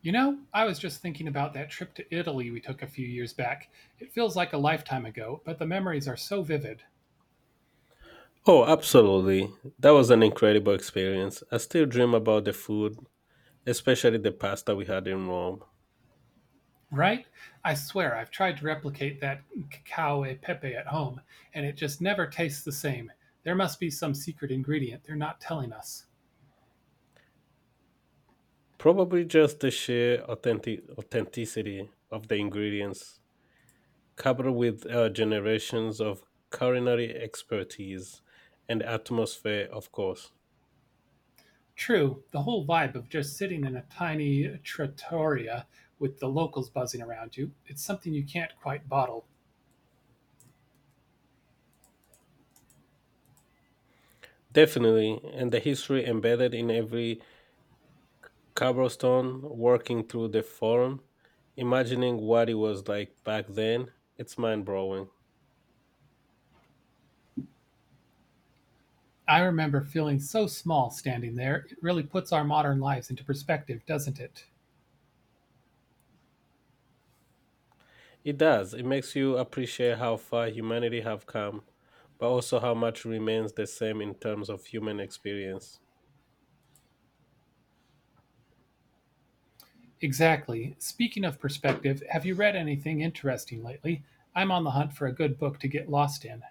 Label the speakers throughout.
Speaker 1: You know, I was just thinking about that trip to Italy we took a few years back. It feels like a lifetime ago, but the memories are so vivid.
Speaker 2: Oh, absolutely. That was an incredible experience. I still dream about the food, especially the pasta we had in Rome.
Speaker 1: Right? I swear I've tried to replicate that cacao e pepe at home, and it just never tastes the same. There must be some secret ingredient they're not telling us.
Speaker 2: Probably just the sheer authenticity of the ingredients, coupled with generations of culinary expertise and atmosphere, of course.
Speaker 1: True, the whole vibe of just sitting in a tiny trattoria with the locals buzzing around you, it's something you can't quite bottle.
Speaker 2: Definitely, and the history embedded in every cobblestone working through the forum, imagining what it was like back then, it's mind blowing.
Speaker 1: I remember feeling so small standing there. It really puts our modern lives into perspective, doesn't it?
Speaker 2: It does. It makes you appreciate how far humanity have come, but also how much remains the same in terms of human experience.
Speaker 1: Exactly. Speaking of perspective, have you read anything interesting lately? I'm on the hunt for a good book to get lost in.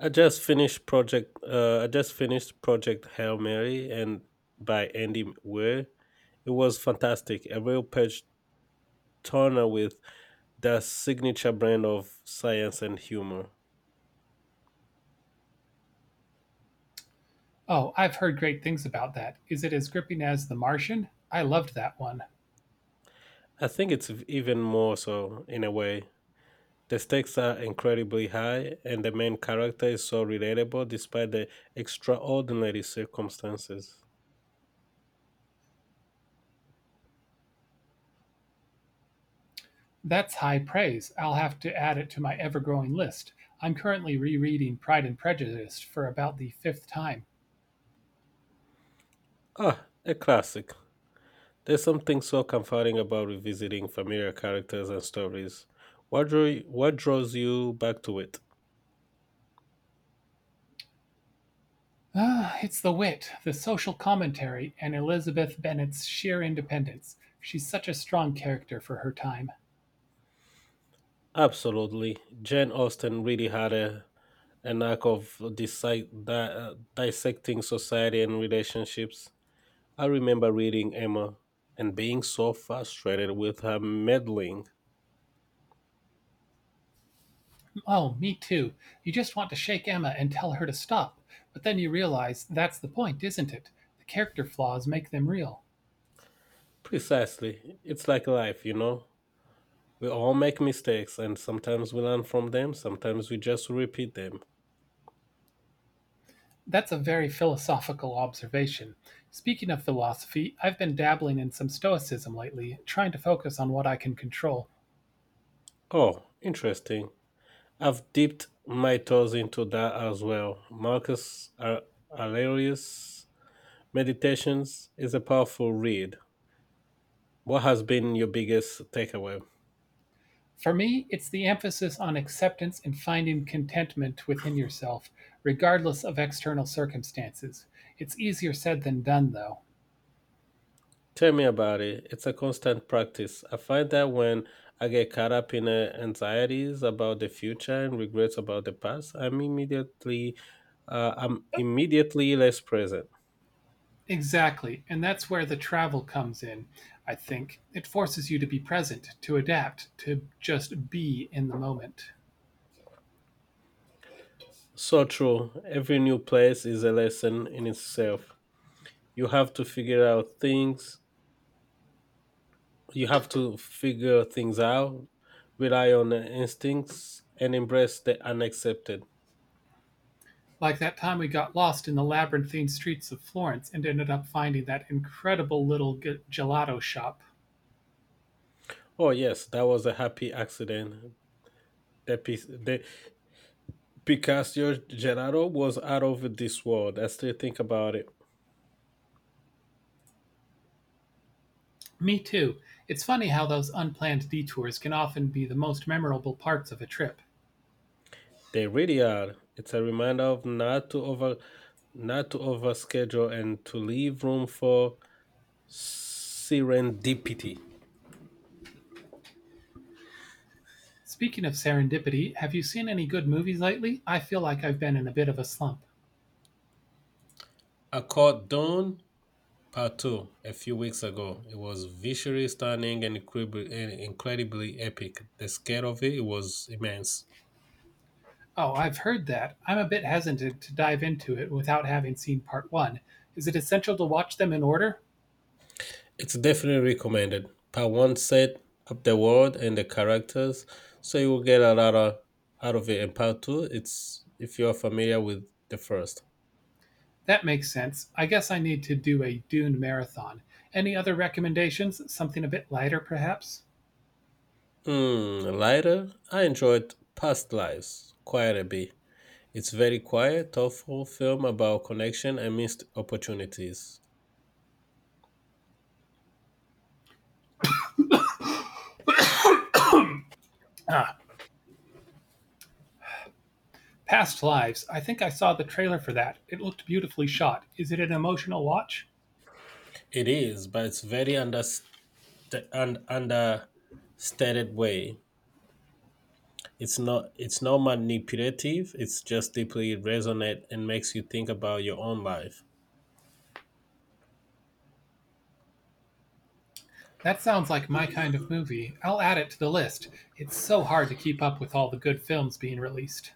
Speaker 2: I just finished Project Hail Mary and by Andy Weir. It was fantastic. A real page turner with the signature brand of science and humor.
Speaker 1: Oh, I've heard great things about that. Is it as gripping as The Martian? I loved that one.
Speaker 2: I think it's even more so in a way. The stakes are incredibly high, and the main character is so relatable despite the extraordinary circumstances.
Speaker 1: That's high praise. I'll have to add it to my ever growing list. I'm currently rereading Pride and Prejudice for about the fifth time.
Speaker 2: Ah, a classic. There's something so comforting about revisiting familiar characters and stories. What draws you back to it?
Speaker 1: Ah, it's the wit, the social commentary, and Elizabeth Bennet's sheer independence. She's such a strong character for her time.
Speaker 2: Absolutely. Jane Austen really had a knack of dissecting society and relationships. I remember reading Emma and being so frustrated with her meddling.
Speaker 1: Oh, me too. You just want to shake Emma and tell her to stop, but then you realize that's the point, isn't it? The character flaws make them real.
Speaker 2: Precisely. It's like life, you know? We all make mistakes, and sometimes we learn from them, sometimes we just repeat them.
Speaker 1: That's a very philosophical observation. Speaking of philosophy, I've been dabbling in some stoicism lately, trying to focus on what I can control.
Speaker 2: Oh, interesting. I've dipped my toes into that as well. Aurelius' Meditations is a powerful read. What has been your biggest takeaway?
Speaker 1: For me, it's the emphasis on acceptance and finding contentment within yourself, regardless of external circumstances. It's easier said than done, though.
Speaker 2: Tell me about it. It's a constant practice. I find that when I get caught up in anxieties about the future and regrets about the past, I'm immediately less present.
Speaker 1: Exactly. And that's where the travel comes in, I think. It forces you to be present, to adapt, to just be in the moment.
Speaker 2: So true. Every new place is a lesson in itself. You have to figure out things. You have to figure things out, rely on instincts, and embrace the unaccepted.
Speaker 1: Like that time we got lost in the labyrinthine streets of Florence and ended up finding that incredible little gelato shop.
Speaker 2: Oh yes, that was a happy accident. That piece, The. Because your Gerardo was out of this world. As they think about it,
Speaker 1: Me too. It's funny how those unplanned detours can often be the most memorable parts of a trip.
Speaker 2: they really are. It's a reminder of not to overschedule and to leave room for serendipity.
Speaker 1: Speaking of serendipity, have you seen any good movies lately? I feel like I've been in a bit of a slump.
Speaker 2: I caught Dawn Part Two a few weeks ago. It was visually stunning and incredibly epic. The scale of it was immense.
Speaker 1: Oh, I've heard that. I'm a bit hesitant to dive into it without having seen part one. Is it essential to watch them in order?
Speaker 2: It's definitely recommended. Part one set up the world and the characters, so you will get a lot of, out of it. And part two, it's if you are familiar with the first.
Speaker 1: That makes sense. I guess I need to do a Dune marathon. Any other recommendations? Something a bit lighter, perhaps?
Speaker 2: Mm, lighter, I enjoyed Past Lives quite a bit. It's very quiet, thoughtful film about connection and missed opportunities.
Speaker 1: Past Lives. I think I saw the trailer for that. It looked beautifully shot. Is it an emotional watch?
Speaker 2: It is, but it's very understated way. It's not manipulative, it's just deeply resonant and makes you think about your own life.
Speaker 1: That sounds like my kind of movie. I'll add it to the list. It's so hard to keep up with all the good films being released.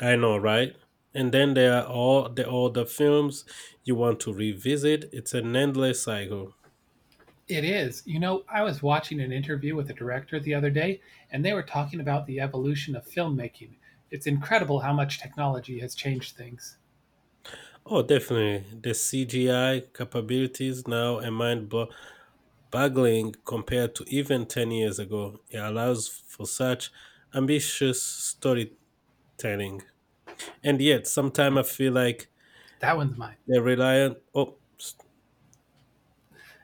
Speaker 2: I know, right? And then there are all the films you want to revisit. It's an endless cycle.
Speaker 1: It is. You know, I was watching an interview with a director the other day, and they were talking about the evolution of filmmaking. It's incredible how much technology has changed things.
Speaker 2: Oh, definitely. The CGI capabilities now are mind boggling compared to even 10 years ago. It allows for such ambitious storytelling. And yet, sometimes I feel like
Speaker 1: That one's mine.
Speaker 2: they're reliant. Oh,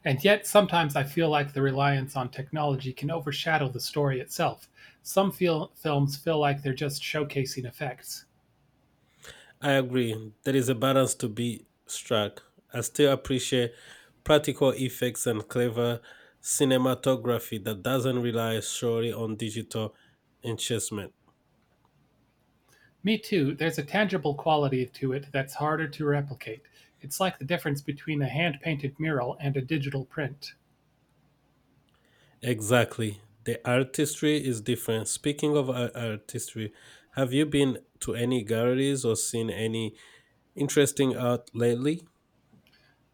Speaker 1: And yet, sometimes I feel like the reliance on technology can overshadow the story itself. Films feel like they're just showcasing effects.
Speaker 2: I agree. There is a balance to be struck. I still appreciate practical effects and clever cinematography that doesn't rely solely on digital enhancement.
Speaker 1: Me too, there's a tangible quality to it that's harder to replicate. It's like the difference between a hand painted mural and a digital print.
Speaker 2: Exactly. The artistry is different. Speaking of artistry, have you been to any galleries or seen any interesting art lately?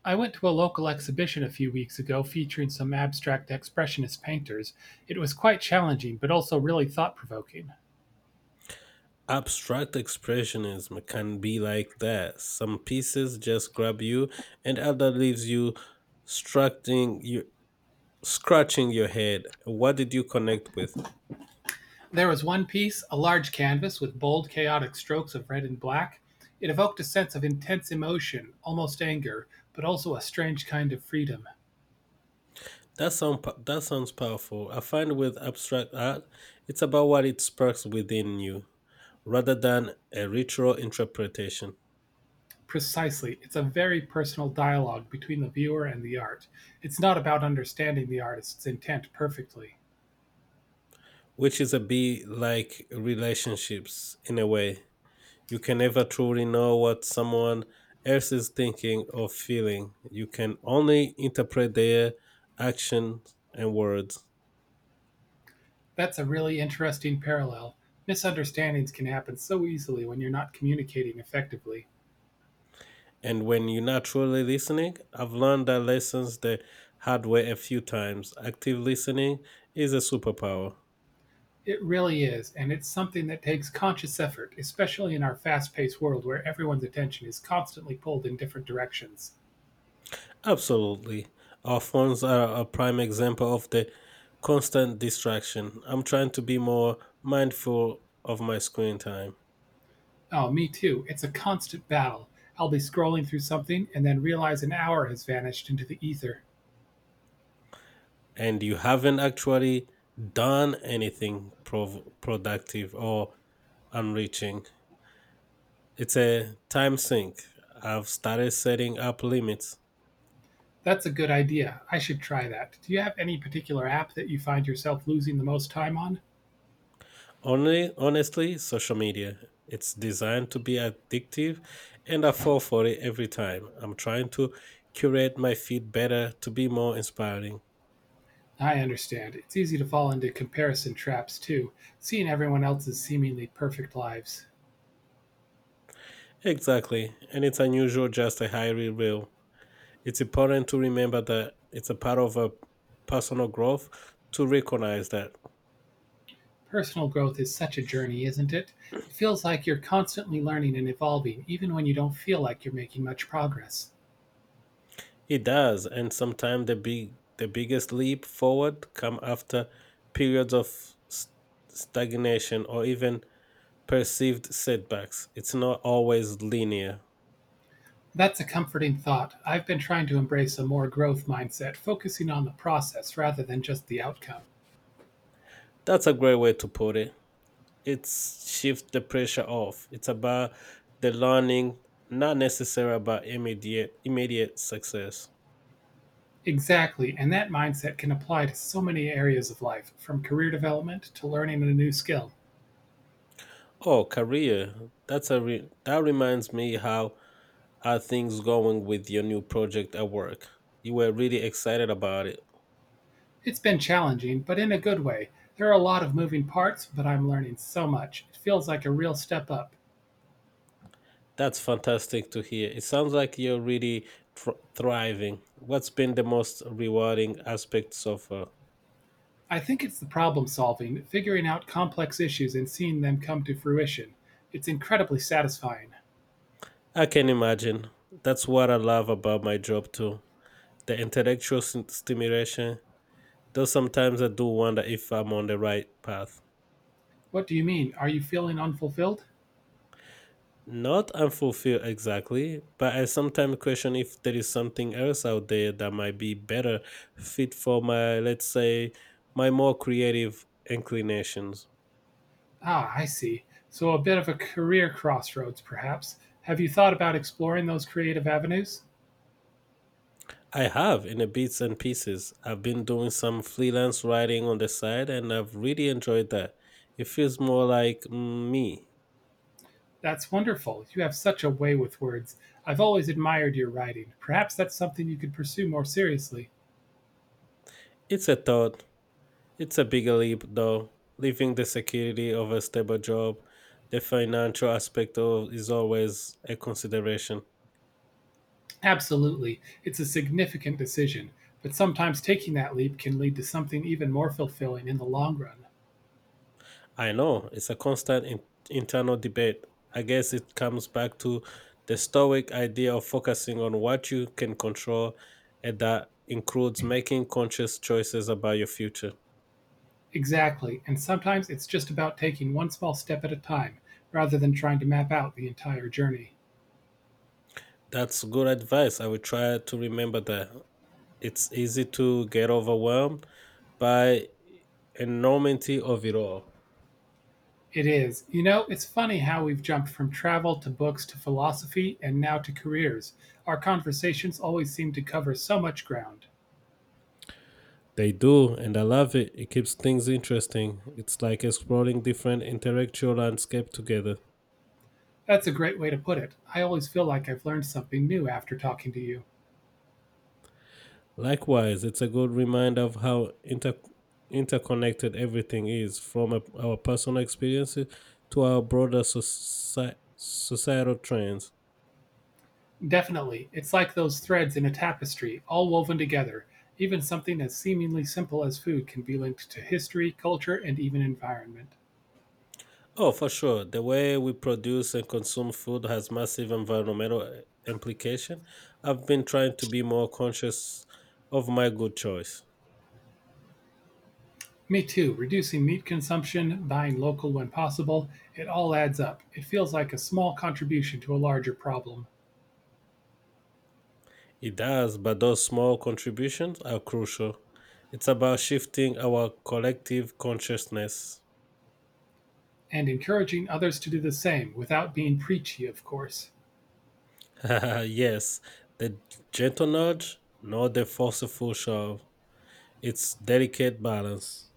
Speaker 1: I went to a local exhibition a few weeks ago featuring some abstract expressionist painters. It was quite challenging, but also really thought provoking.
Speaker 2: Abstract expressionism can be like that. Some pieces just grab you, and other leaves you structing you scratching your head. What did you connect with?
Speaker 1: There was one piece, a large canvas with bold, chaotic strokes of red and black. It evoked a sense of intense emotion, almost anger, but also a strange kind of freedom.
Speaker 2: That sounds powerful. I find with abstract art, it's about what it sparks within you rather than a ritual interpretation,
Speaker 1: Precisely, it's a very personal dialogue between the viewer and the art. It's not about understanding the artist's intent perfectly.
Speaker 2: which is a bit like relationships in a way. You can never truly know what someone else is thinking or feeling. You can only interpret their actions and words.
Speaker 1: That's a really interesting parallel. Misunderstandings can happen so easily when you're not communicating effectively.
Speaker 2: And when you're not truly listening, I've learned that lessons the hard way a few times. Active listening is a superpower.
Speaker 1: It really is, and it's something that takes conscious effort, especially in our fast paced world where everyone's attention is constantly pulled in different directions.
Speaker 2: Absolutely. Our phones are a prime example of the constant distraction. I'm trying to be more mindful of my screen time.
Speaker 1: Oh, me too. It's a constant battle. I'll be scrolling through something and then realize an hour has vanished into the ether.
Speaker 2: And you haven't actually done anything productive or enriching. It's a time sink. I've started setting up limits.
Speaker 1: That's a good idea. I should try that. Do you have any particular app that you find yourself losing the most time on?
Speaker 2: Only, honestly, social media. It's designed to be addictive, and I fall for it every time. I'm trying to curate my feed better to be more inspiring.
Speaker 1: I understand. It's easy to fall into comparison traps, too, seeing everyone else's seemingly perfect lives.
Speaker 2: Exactly, and it's unusual, just a highly reel. It's important to remember that it's a part of a personal growth to recognize that
Speaker 1: Personal growth is such a journey, isn't it? It feels like you're constantly learning and evolving, even when you don't feel like you're making much progress.
Speaker 2: it does, and sometimes the biggest leap forward come after periods of s- stagnation or even perceived setbacks. It's not always linear.
Speaker 1: That's a comforting thought. I've been trying to embrace a more growth mindset, focusing on the process rather than just the outcome.
Speaker 2: That's a great way to put it. It's shift the pressure off. It's about the learning, not necessarily about immediate success.
Speaker 1: Exactly, and that mindset can apply to so many areas of life, from career development to learning a new skill.
Speaker 2: Oh, career. That reminds me, how are things going with your new project at work? You were really excited about it.
Speaker 1: It's been challenging, but in a good way. There are a lot of moving parts, but I'm learning so much. It feels like a real step up.
Speaker 2: That's fantastic to hear. It sounds like you're really thriving. What's been the most rewarding aspect so far?
Speaker 1: I think it's the problem solving, figuring out complex issues and seeing them come to fruition. It's incredibly satisfying.
Speaker 2: I can imagine. That's what I love about my job too. The intellectual stimulation, though sometimes I do wonder if I'm on the right path.
Speaker 1: What do you mean? Are you feeling unfulfilled?
Speaker 2: Not unfulfilled exactly, but I sometimes question if there is something else out there that might be better fit for my, let's say, my more creative inclinations.
Speaker 1: Ah, I see. So, a bit of a career crossroads, perhaps. Have you thought about exploring those creative avenues?
Speaker 2: I have in the bits and pieces. I've been doing some freelance writing on the side and I've really enjoyed that. It feels more like me.
Speaker 1: That's wonderful. You have such a way with words. I've always admired your writing. Perhaps that's something you could pursue more seriously.
Speaker 2: It's a thought. It's a bigger leap, though, leaving the security of a stable job. The financial aspect of is always a consideration.
Speaker 1: Absolutely. It's a significant decision, but sometimes taking that leap can lead to something even more fulfilling in the long run.
Speaker 2: I know it's a constant internal debate. I guess it comes back to the stoic idea of focusing on what you can control, and that includes making conscious choices about your future.
Speaker 1: Exactly. And sometimes it's just about taking one small step at a time rather than trying to map out the entire journey.
Speaker 2: That's good advice. I will try to remember that. It's easy to get overwhelmed by enormity of it all.
Speaker 1: It is. You know, it's funny how we've jumped from travel to books to philosophy and now to careers. Our conversations always seem to cover so much ground.
Speaker 2: They do, and I love it. It keeps things interesting. It's like exploring different intellectual landscape together.
Speaker 1: That's a great way to put it. I always feel like I've learned something new after talking to you.
Speaker 2: Likewise, it's a good reminder of how interconnected everything is, from our personal experiences to our broader societal trends.
Speaker 1: Definitely. It's like those threads in a tapestry, all woven together. Even something as seemingly simple as food can be linked to history, culture, and even environment.
Speaker 2: Oh, for sure. The way we produce and consume food has massive environmental implication. I've been trying to be more conscious of my good choice.
Speaker 1: Me too. Reducing meat consumption, buying local when possible, it all adds up. It feels like a small contribution to a larger problem.
Speaker 2: It does, but those small contributions are crucial. It's about shifting our collective consciousness.
Speaker 1: And encouraging others to do the same without being preachy, of course.
Speaker 2: Yes, the gentle nudge, not the forceful shove. It's delicate balance.